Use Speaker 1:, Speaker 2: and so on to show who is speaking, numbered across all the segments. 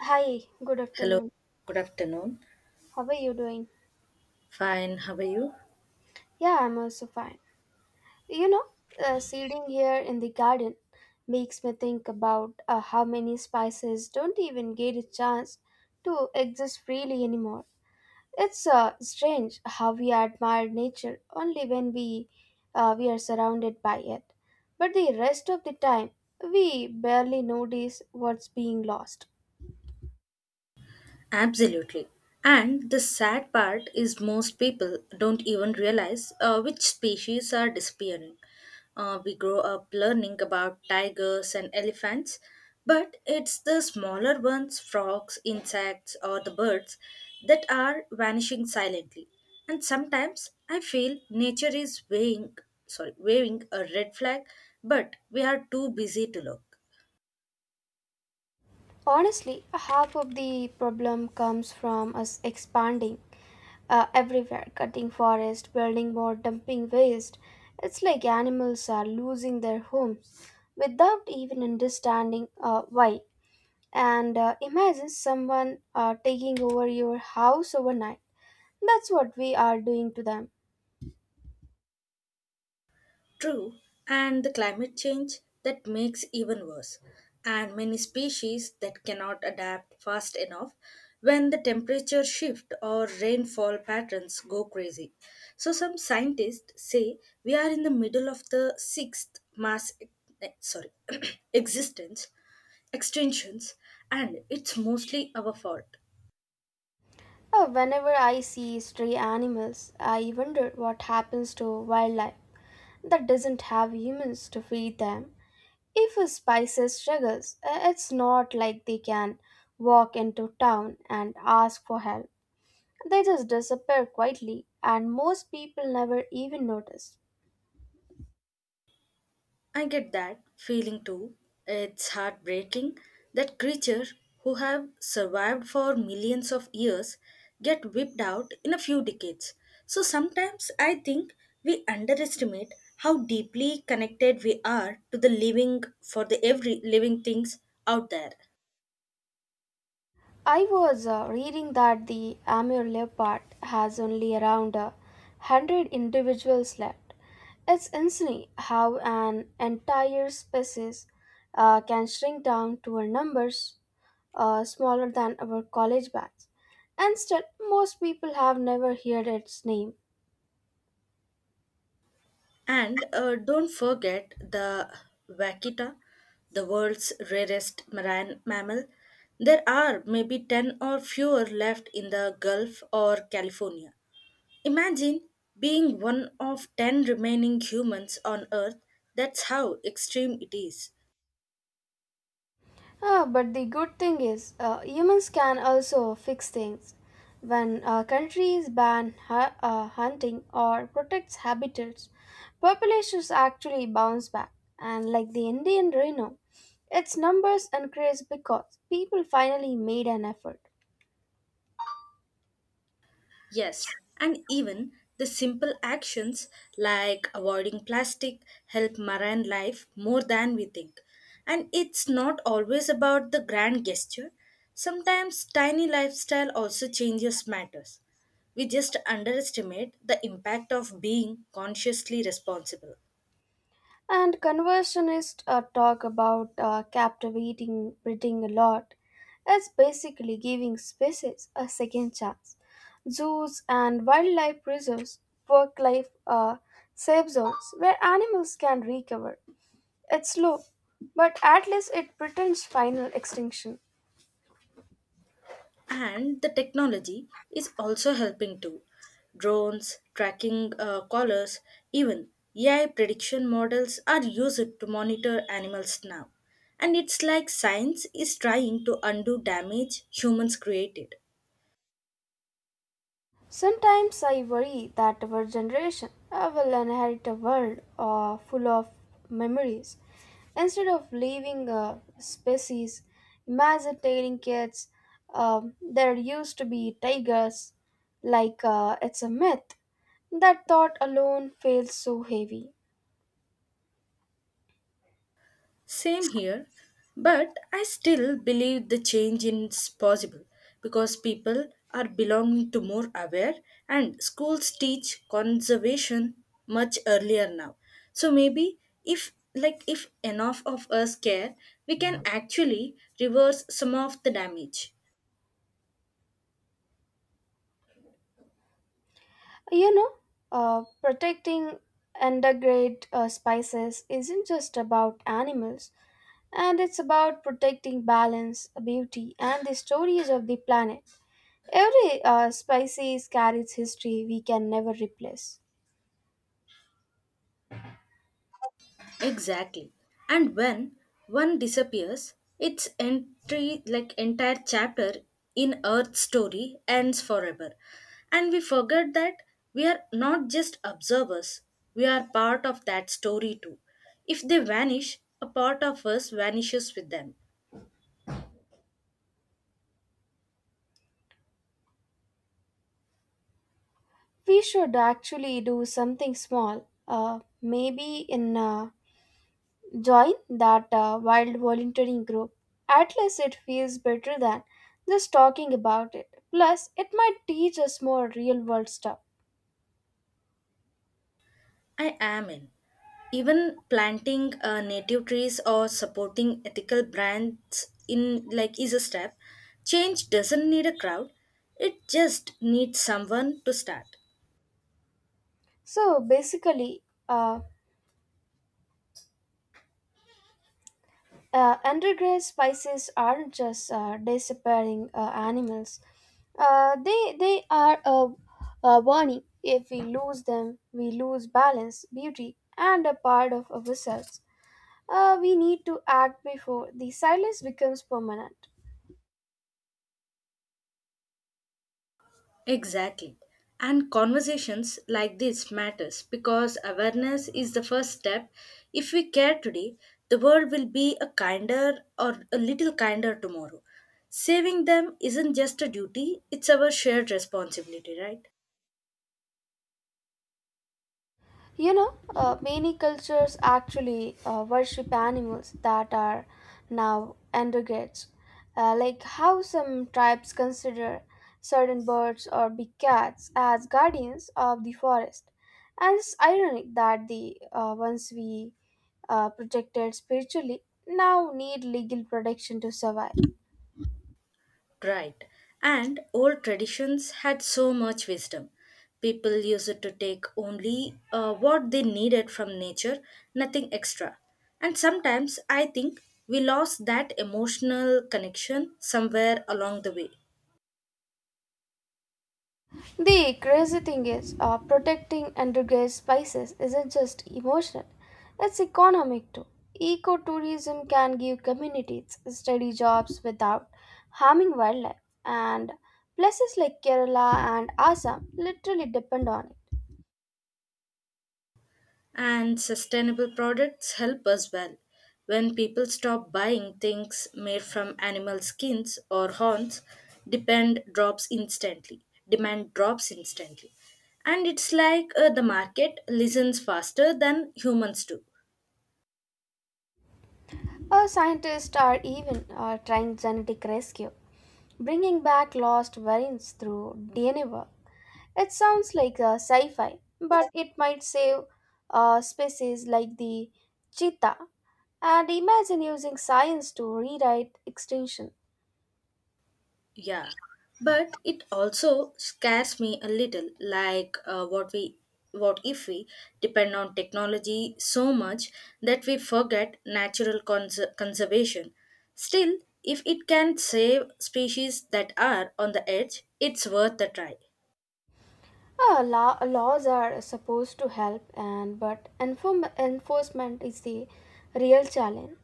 Speaker 1: Hi, good
Speaker 2: Hello,
Speaker 1: afternoon.
Speaker 2: good afternoon.
Speaker 1: How are you doing?
Speaker 2: Fine, how are you?
Speaker 1: Yeah, I'm also fine. You know, seeding here in the garden makes me think about how many spices don't even get a chance to exist freely anymore. It's strange how we admire nature only when we are surrounded by it, but the rest of the time we barely notice what's being lost.
Speaker 2: Absolutely. And the sad part is, most people don't even realize which species are disappearing. We grow up learning about tigers and elephants, but it's the smaller ones, frogs, insects, or the birds, that are vanishing silently. And sometimes I feel nature is waving, sorry, waving a red flag, but we are too busy to look.
Speaker 1: Honestly, half of the problem comes from us expanding everywhere cutting forest, building more, dumping waste. It's like animals are losing their homes without even understanding why. And imagine someone taking over your house overnight. That's what we are doing to them.
Speaker 2: True, and the climate change that makes even worse, and many species that cannot adapt fast enough when the temperature shift or rainfall patterns go crazy. So some scientists say we are in the middle of the sixth mass eh, sorry existence extinctions and it's mostly our fault.
Speaker 1: Whenever I see stray animals, I wonder what happens to wildlife that doesn't have humans to feed them. If a spices struggles, it's not like they can walk into town and ask for help. They just disappear quietly, and most people never even notice.
Speaker 2: I get that feeling too. It's heartbreaking that creatures who have survived for millions of years get wiped out in a few decades. So sometimes I think we underestimate how deeply connected we are to the living for the every living things out there.
Speaker 1: I was reading that the Amur leopard has only around a hundred individuals left. It's insane how an entire species can shrink down to a numbers smaller than our college bags, and still, most people have never heard its name.
Speaker 2: And Don't forget the vaquita, the world's rarest marine mammal. There are maybe 10 or fewer left in the Gulf or California. Imagine being one of 10 remaining humans on Earth. That's how extreme it is.
Speaker 1: Ah, but the good thing is, humans can also fix things. When countries ban hunting or protects habitats, populations actually bounce back. And like the Indian rhino, its numbers increase because people finally made an effort.
Speaker 2: Yes, and even the simple actions like avoiding plastic help marine life more than we think. And it's not always about the grand gesture. Sometimes tiny lifestyle also changes matters. We just underestimate the impact of being consciously responsible.
Speaker 1: And conversionists talk about captivating breeding a lot as basically giving species a second chance. Zoos and wildlife reserves work like safe zones where animals can recover. It's slow, but at least it pretends final extinction.
Speaker 2: And the technology is also helping too. Drones, tracking collars, even AI prediction models are used to monitor animals now. And it's like science is trying to undo damage humans created.
Speaker 1: Sometimes I worry that our generation will inherit a world full of memories instead of leaving a species. Imagine telling kids there used to be tigers, like it's a myth. That thought alone feels so heavy.
Speaker 2: Same here, but I still believe the change is possible because people are belonging to more aware and schools teach conservation much earlier now. So maybe if like if enough of us care, we can actually reverse some of the damage.
Speaker 1: You know, protecting endangered species isn't just about animals, and it's about protecting balance, beauty, and the stories of the planet. Every species carries history we can never replace.
Speaker 2: Exactly. And when one disappears, its entry like entire chapter in Earth's story ends forever. And we forget that we are not just observers, we are part of that story too. If they vanish, a part of us vanishes with them.
Speaker 1: We should actually do something small, maybe in join that wild volunteering group. At least it feels better than just talking about it. Plus, it might teach us more real world stuff.
Speaker 2: I am in. Even planting native trees or supporting ethical brands in like is a step. Change doesn't need a crowd, it just needs someone to start.
Speaker 1: So basically, undergrass spices aren't just disappearing animals. Uh, they they are a, a warning. If we lose them, we lose balance, beauty, and a part of ourselves. We need to act before the silence becomes permanent.
Speaker 2: Exactly, and conversations like this matters because awareness is the first step. If we care today, the world will be a kinder or a little kinder tomorrow. Saving them isn't just a duty, it's our shared responsibility, right?
Speaker 1: Many cultures actually worship animals that are now endangered, like how some tribes consider certain birds or big cats as guardians of the forest. And it's ironic that the ones we protected spiritually now need legal protection to survive.
Speaker 2: Right. And old traditions had so much wisdom. People used it to take only what they needed from nature, nothing extra. And sometimes I think we lost that emotional connection somewhere along the way.
Speaker 1: The crazy thing is, protecting endangered species isn't just emotional, it's economic too. Ecotourism can give communities steady jobs without harming wildlife, and places like Kerala and Assam literally depend on it.
Speaker 2: And sustainable products help as well. When people stop buying things made from animal skins or horns, depend drops instantly. Demand drops instantly. And it's like the market listens faster than humans do.
Speaker 1: Our scientists are even trying genetic rescue, bringing back lost variants through DNA work. It sounds like a sci fi, but it might save species like the cheetah. And imagine using science to rewrite extinction.
Speaker 2: Yeah, but it also scares me a little like what if we depend on technology so much that we forget natural conservation. Still, if it can save species that are on the edge, it's worth a try.
Speaker 1: Laws are supposed to help, and but enforcement is the real challenge.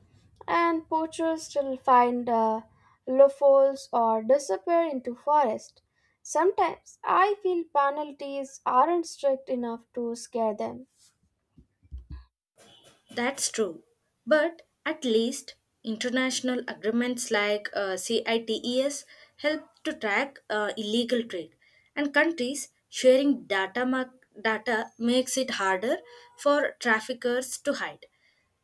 Speaker 1: And poachers still find loopholes or disappear into forest. Sometimes I feel penalties aren't strict enough to scare them.
Speaker 2: That's true. But at least international agreements like CITES help to track illegal trade, and countries sharing data, data makes it harder for traffickers to hide.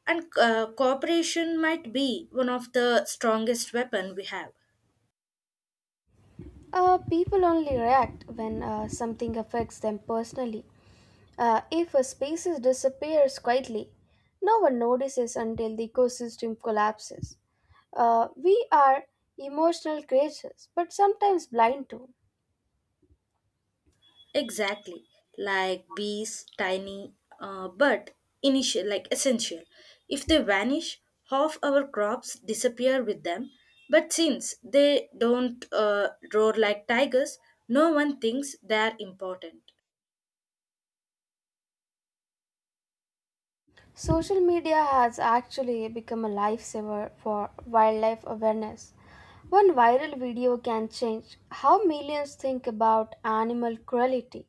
Speaker 2: And cooperation might be one of the strongest weapon we have.
Speaker 1: People only react when something affects them personally. If a species disappears quietly, no one notices until the ecosystem collapses. We are emotional creatures, but sometimes blind to.
Speaker 2: Exactly, like bees, tiny, but initial, like essential. If they vanish, half our crops disappear with them. But since they don't roar like tigers, no one thinks they are important.
Speaker 1: Social media has actually become a lifesaver for wildlife awareness. One viral video can change how millions think about animal cruelty.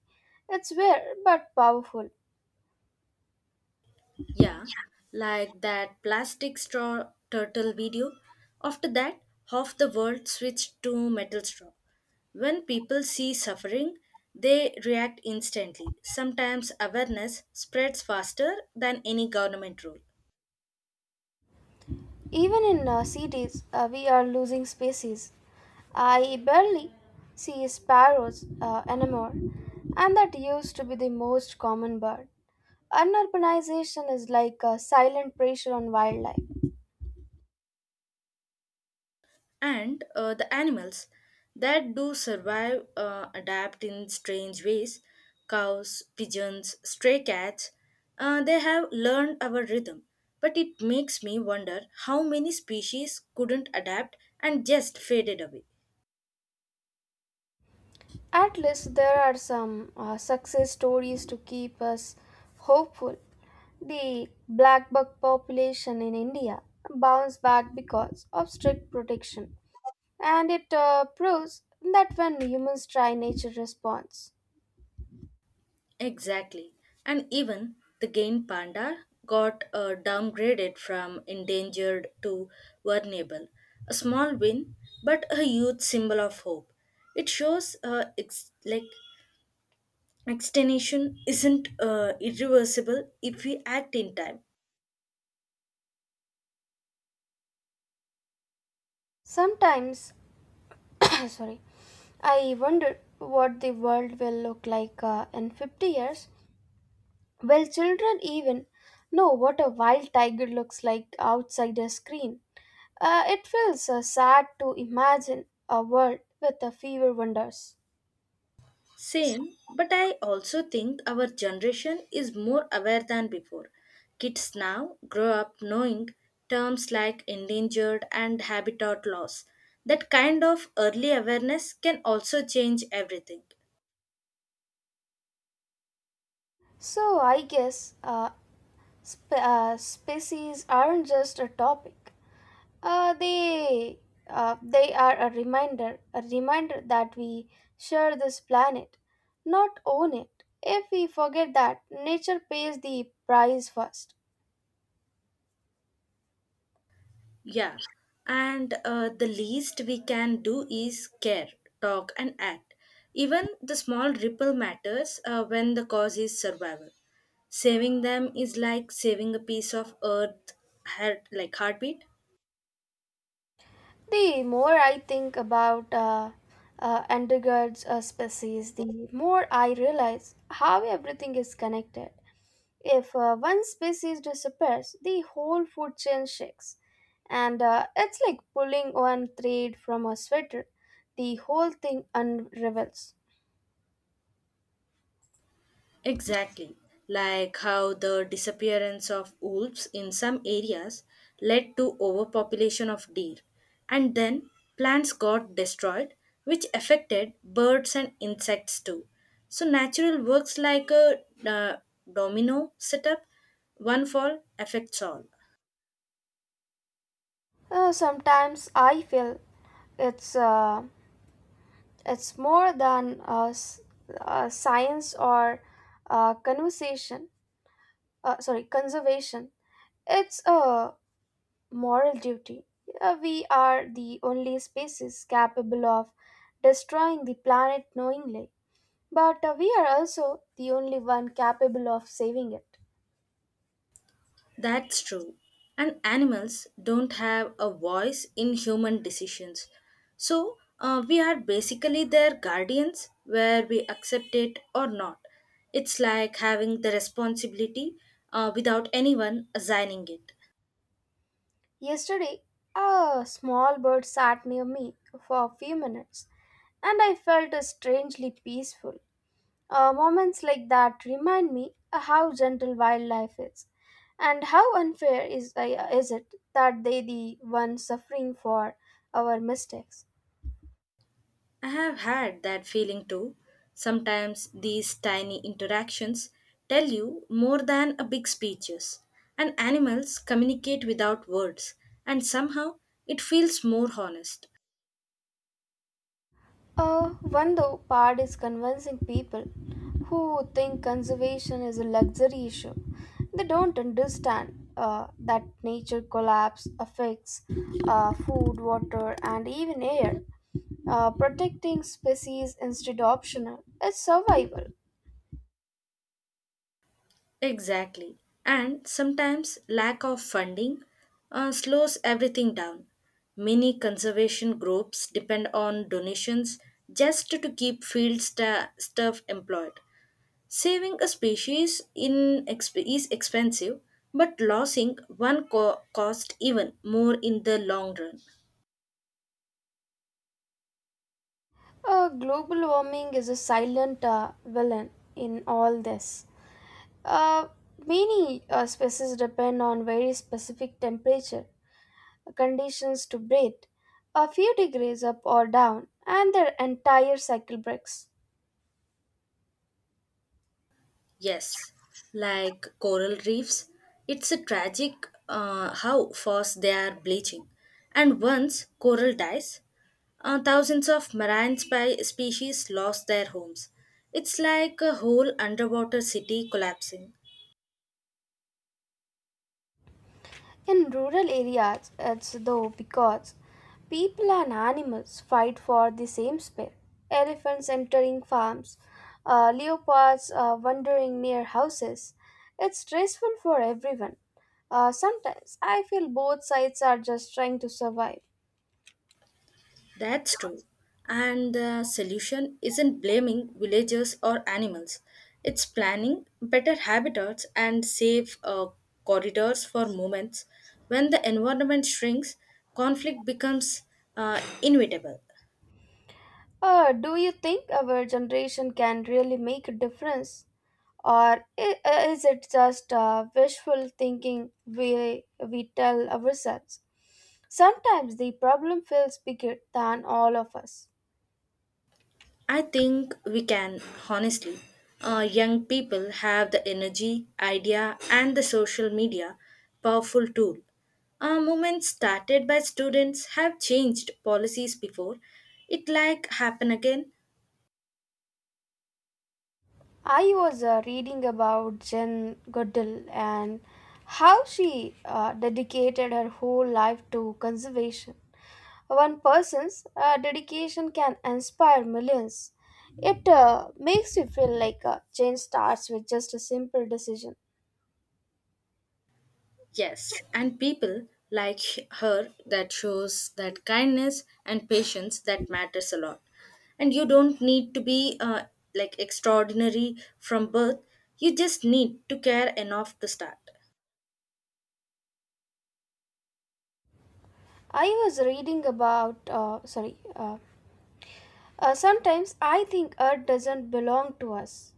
Speaker 1: It's rare but powerful.
Speaker 2: Yeah, like that plastic straw turtle video. After that, half the world switched to metal straw. When people see suffering, they react instantly. Sometimes awareness spreads faster than any government rule.
Speaker 1: Even in cities, we are losing species. I barely see sparrows anymore, and that used to be the most common bird. Unurbanization is like a silent pressure on wildlife.
Speaker 2: And the animals that do survive adapt in strange ways, cows, pigeons, stray cats, they have learned our rhythm, but it makes me wonder how many species couldn't adapt and just faded away.
Speaker 1: At least there are some success stories to keep us hopeful. The blackbuck population in India bounced back because of strict protection, and it proves that when humans try, nature responds.
Speaker 2: Exactly, and even the game panda got downgraded from endangered to vulnerable, a small win but a huge symbol of hope. It shows extinction isn't irreversible if we act in time.
Speaker 1: Sometimes, sorry, I wonder what the world will look like in 50 years. Will children even know what a wild tiger looks like outside a screen? It feels sad to imagine a world with a fewer wonders.
Speaker 2: Same, but I also think our generation is more aware than before. Kids now grow up knowing terms like endangered and habitat loss. That kind of early awareness can also change everything.
Speaker 1: So, I guess species aren't just a topic. Uh, they they are a reminder that we share this planet, not own it. If we forget that, nature pays the price first.
Speaker 2: Yeah, and the least we can do is care, talk, and act. Even the small ripple matters when the cause is survival. Saving them is like saving a piece of earth heartbeat.
Speaker 1: The more I think about endangered species, the more I realize how everything is connected. If one species disappears, the whole food chain shakes. And it's like pulling one thread from a sweater, the whole thing unravels.
Speaker 2: Exactly. Like how the disappearance of wolves in some areas led to overpopulation of deer. And then plants got destroyed, which affected birds and insects too. So natural works like a domino setup, one fall affects all.
Speaker 1: Sometimes I feel it's, uh, it's more than a science or a conversation, conservation. It's a moral duty. We are the only species capable of destroying the planet knowingly, but we are also the only one capable of saving it.
Speaker 2: That's true. And animals don't have a voice in human decisions. So we are basically their guardians, where we accept it or not. It's like having the responsibility without anyone assigning it.
Speaker 1: Yesterday, a small bird sat near me for a few minutes, and I felt strangely peaceful. Moments like that remind me how gentle wildlife is, and how unfair is it that they the ones suffering for our mistakes.
Speaker 2: I have had that feeling too. Sometimes these tiny interactions tell you more than a big speeches. And animals communicate without words, and somehow it feels more honest.
Speaker 1: Uh, one though part is convincing people who think conservation is a luxury issue. They don't understand that nature collapse affects food, water, and even air. Protecting species instead optional is survival.
Speaker 2: Exactly. And sometimes lack of funding slows everything down. Many conservation groups depend on donations just to keep field staff employed. Saving a species is expensive, but losing one cost even more in the long run.
Speaker 1: Global warming is a silent villain in all this. Uh, many species depend on very specific temperature conditions to breathe. A few degrees up or down, and their entire cycle breaks.
Speaker 2: Yes, like coral reefs, it's a tragic how fast they are bleaching. And once coral dies, thousands of marine species lost their homes. It's like a whole underwater city collapsing.
Speaker 1: In rural areas, it's though because people and animals fight for the same space. Elephants entering farms, leopards wandering near houses. It's stressful for everyone. Sometimes I feel both sides are just trying to survive.
Speaker 2: That's true. And the solution isn't blaming villagers or animals. It's planning better habitats and safe corridors for moments. When the environment shrinks, conflict becomes inevitable.
Speaker 1: Do you think our generation can really make a difference? Or is it just wishful thinking we tell ourselves? Sometimes the problem feels bigger than all of us.
Speaker 2: I think we can, honestly. Young people have the energy, idea, and the social media powerful tool. Our movements started by students have changed policies before. It like happen again.
Speaker 1: I was reading about Jen Goodall and how she dedicated her whole life to conservation. One person's dedication can inspire millions. It makes you feel like change starts with just a simple decision.
Speaker 2: Yes, and people like her that shows that kindness and patience that matters a lot, and you don't need to be like extraordinary from birth, you just need to care enough to start.
Speaker 1: I was reading about, sorry, sometimes I think Earth doesn't belong to us.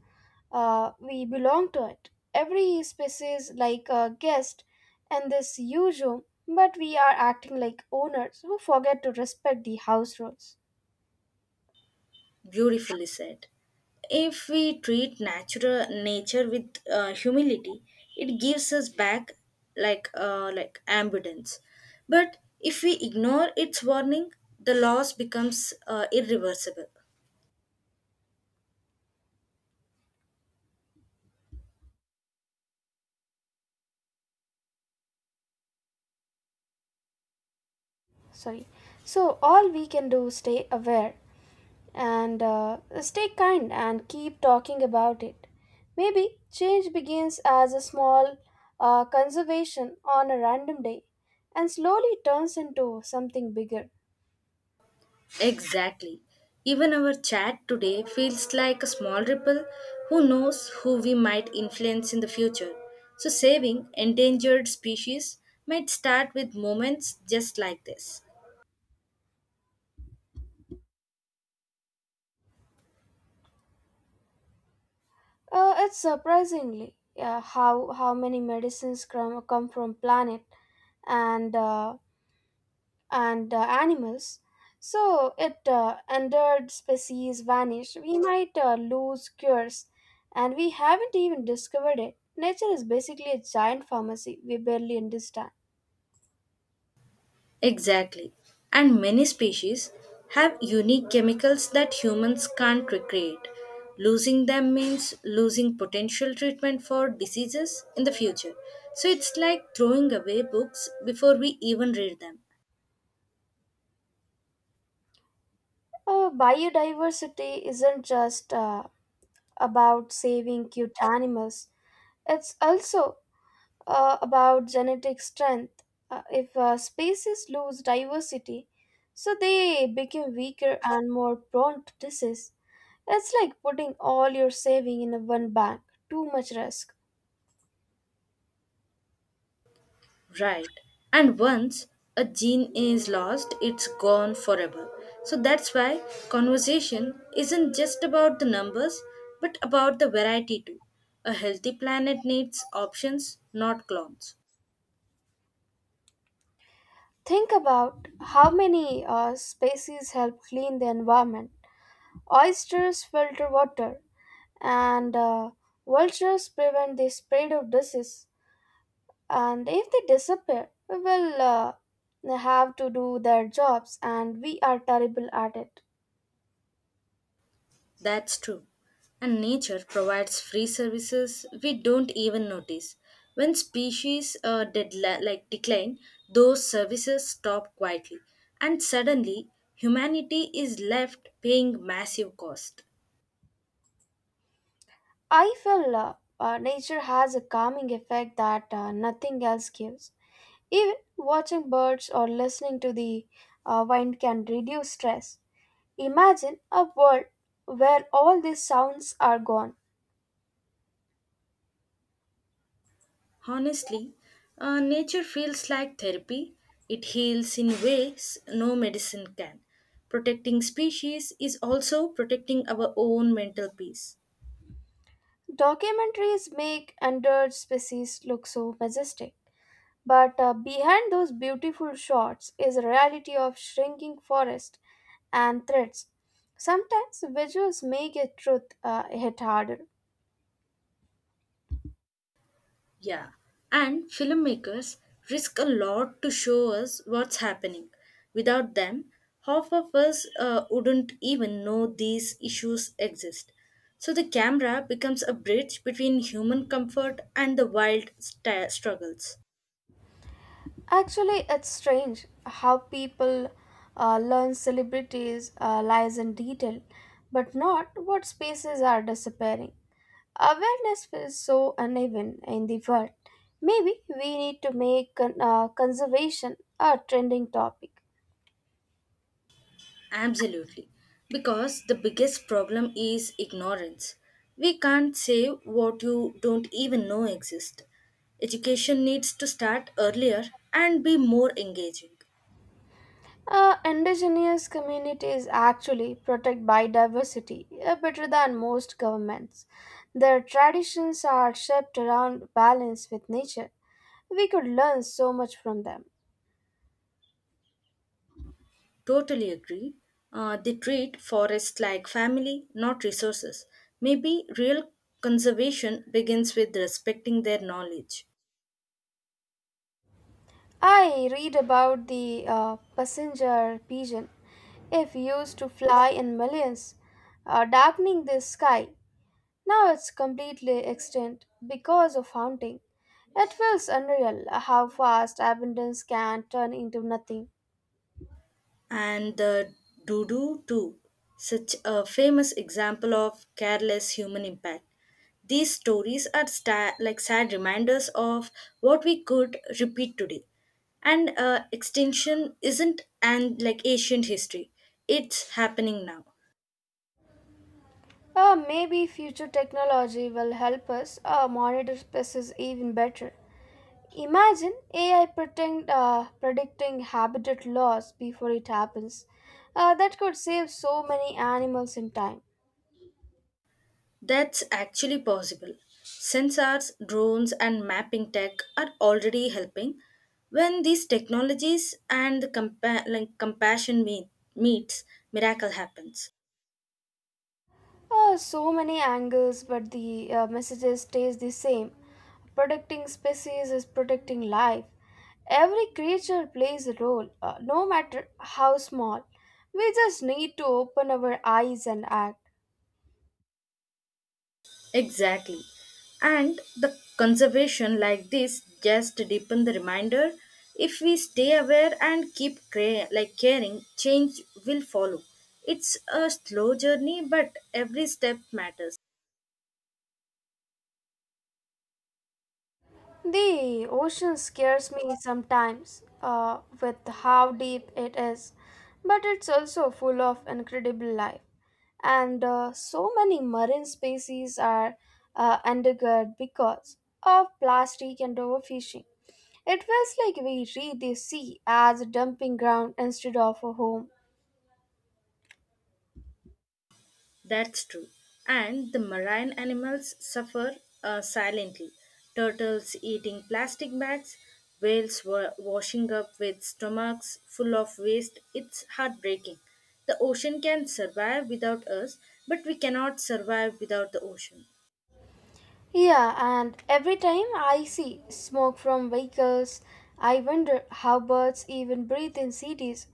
Speaker 1: We belong to it. Every species like a guest in this huge home, but we are acting like owners who forget to respect the house rules.
Speaker 2: Beautifully said. If we treat natural nature with humility, it gives us back like abundance. But if we ignore its warning, the loss becomes irreversible.
Speaker 1: Sorry. So all we can do is stay aware and stay kind and keep talking about it. Maybe change begins as a small conservation on a random day and slowly turns into something bigger.
Speaker 2: Exactly. Even our chat today feels like a small ripple. Who knows who we might influence in the future? So, saving endangered species might start with moments just like this.
Speaker 1: It's surprisingly how many medicines come from planet and uh, and animals. So it endangered species vanish. We might lose cures, and we haven't even discovered it. Nature is basically a giant pharmacy we barely understand.
Speaker 2: Exactly. And many species have unique chemicals that humans can't recreate. Losing them means losing potential treatment for diseases in the future. So it's like throwing away books before we even read them.
Speaker 1: Biodiversity isn't just about saving cute animals. It's also about genetic strength. If species lose diversity, so they become weaker and more prone to disease. It's like putting all your saving in a one bank. Too much risk.
Speaker 2: Right. And once a gene is lost, it's gone forever. So that's why conversation isn't just about the numbers, but about the variety too. A healthy planet needs options, not clones.
Speaker 1: Think about how many species help clean the environment. Oysters filter water, and vultures prevent the spread of disease, and if they disappear we will have to do their jobs and we are terrible at it.
Speaker 2: That's true. And nature provides free services we don't even notice. When species decline, those services stop quietly, and suddenly humanity is left paying massive cost.
Speaker 1: I feel nature has a calming effect that nothing else gives, even watching birds or listening to the wind can reduce stress. Imagine a world where all these sounds are gone.
Speaker 2: Honestly, nature feels like therapy. It heals in ways no medicine can. Protecting species is also protecting our own mental peace.
Speaker 1: Documentaries make endangered species look so majestic, but behind those beautiful shots is a reality of shrinking forest and threats. Sometimes visuals make a truth hit harder.
Speaker 2: Yeah, and filmmakers risk a lot to show us what's happening. Without them, half of us wouldn't even know these issues exist. So the camera becomes a bridge between human comfort and the wild struggles.
Speaker 1: Actually, it's strange how people learn celebrities' lies in detail, but not what spaces are disappearing. Awareness is so uneven in the world. Maybe we need to make conservation a trending topic.
Speaker 2: Absolutely. Because the biggest problem is ignorance. We can't say what you don't even know exists. Education needs to start earlier and be more engaging.
Speaker 1: Indigenous communities actually protect biodiversity better than most governments. Their traditions are shaped around balance with nature. We could learn so much from them.
Speaker 2: Totally agree. They treat forests like family, not resources. Maybe real conservation begins with respecting their knowledge.
Speaker 1: I read about the passenger pigeon, if used to fly in millions, darkening the sky. Now it's completely extinct because of hunting. It feels unreal how fast abundance can turn into nothing.
Speaker 2: And the Dudu, too, such a famous example of careless human impact. These stories are sad reminders of what we could repeat today. And extinction isn't an like ancient history; it's happening now.
Speaker 1: Maybe future technology will help us monitor species even better. Imagine AI predicting habitat loss before it happens. That could save so many animals in time.
Speaker 2: That's actually possible. Sensors, drones, and mapping tech are already helping. When these technologies and the compassion meets, miracle happens.
Speaker 1: So many angles, but the message stays the same. Protecting species is protecting life. Every creature plays a role, no matter how small. We just need to open our eyes and act.
Speaker 2: Exactly. And the conservation like this just deepen the reminder. If we stay aware and keep caring, change will follow. It's a slow journey, but every step matters.
Speaker 1: The ocean scares me sometimes with how deep it is, but it's also full of incredible life. And so many marine species are undergird because of plastic and overfishing. It feels like we read the sea as a dumping ground instead of a home.
Speaker 2: That's true. And the marine animals suffer silently. Turtles eating plastic bags, whales were washing up with stomachs full of waste. It's heartbreaking. The ocean can survive without us, but we cannot survive without the ocean.
Speaker 1: Yeah, and every time I see smoke from vehicles, I wonder how birds even breathe in cities.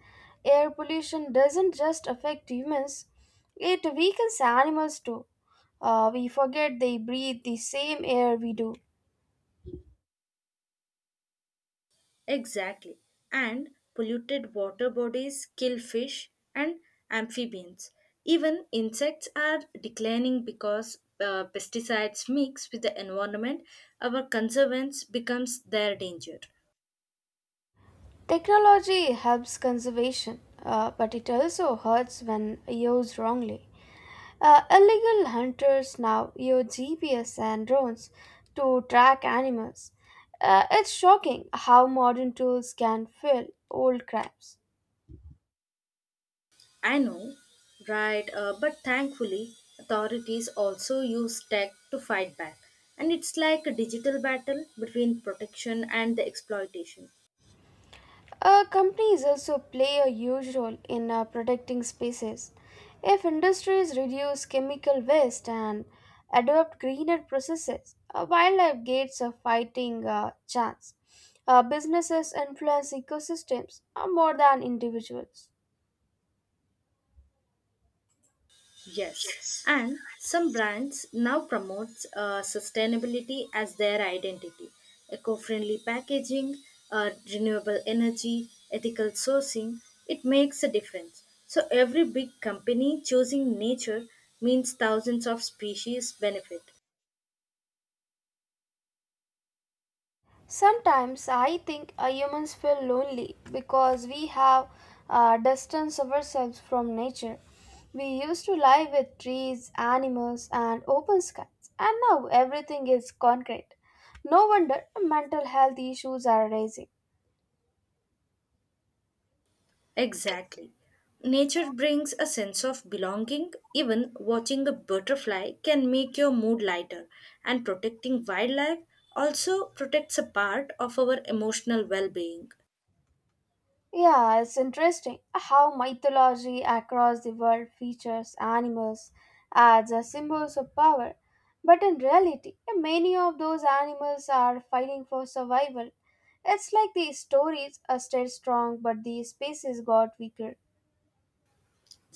Speaker 1: Air pollution doesn't just affect humans, it weakens animals too. We forget they breathe the same air we do.
Speaker 2: Exactly. And polluted water bodies kill fish and amphibians. Even insects are declining because pesticides mix with the environment. Our conservance becomes their danger.
Speaker 1: Technology helps conservation, but it also hurts when used wrongly. Illegal hunters now use GPS and drones to track animals. It's shocking how modern tools can fill old crimes.
Speaker 2: I know, right? But thankfully, authorities also use tech to fight back. And it's like a digital battle between protection and the exploitation.
Speaker 1: Companies also play a huge role in protecting species. If industries reduce chemical waste and adopt greener processes, wildlife gets a fighting chance. Businesses influence ecosystems more than individuals.
Speaker 2: Yes, and some brands now promotes sustainability as their identity. Eco-friendly packaging, renewable energy, ethical sourcing, it makes a difference. So every big company choosing nature means thousands of species benefit.
Speaker 1: Sometimes I think humans feel lonely because we have distanced ourselves from nature. We used to live with trees, animals, and open skies, and now everything is concrete. No wonder mental health issues are rising.
Speaker 2: Exactly. Nature brings a sense of belonging. Even watching a butterfly can make your mood lighter, and protecting wildlife also protects a part of our emotional well being.
Speaker 1: Yeah, it's interesting how mythology across the world features animals as a symbols of power. But in reality, many of those animals are fighting for survival. It's like the stories are stayed strong, but the species got weaker.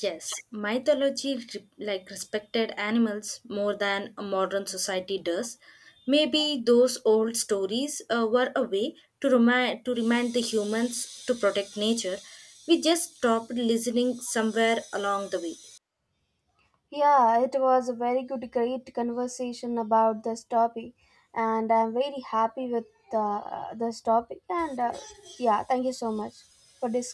Speaker 2: Yes, mythology respected animals more than a modern society does. Maybe those old stories were a way to remind the humans to protect nature. We just stopped listening somewhere along the way.
Speaker 1: Yeah, it was a very good, great conversation about this topic, and I'm very happy with this topic. And yeah, thank you so much for this.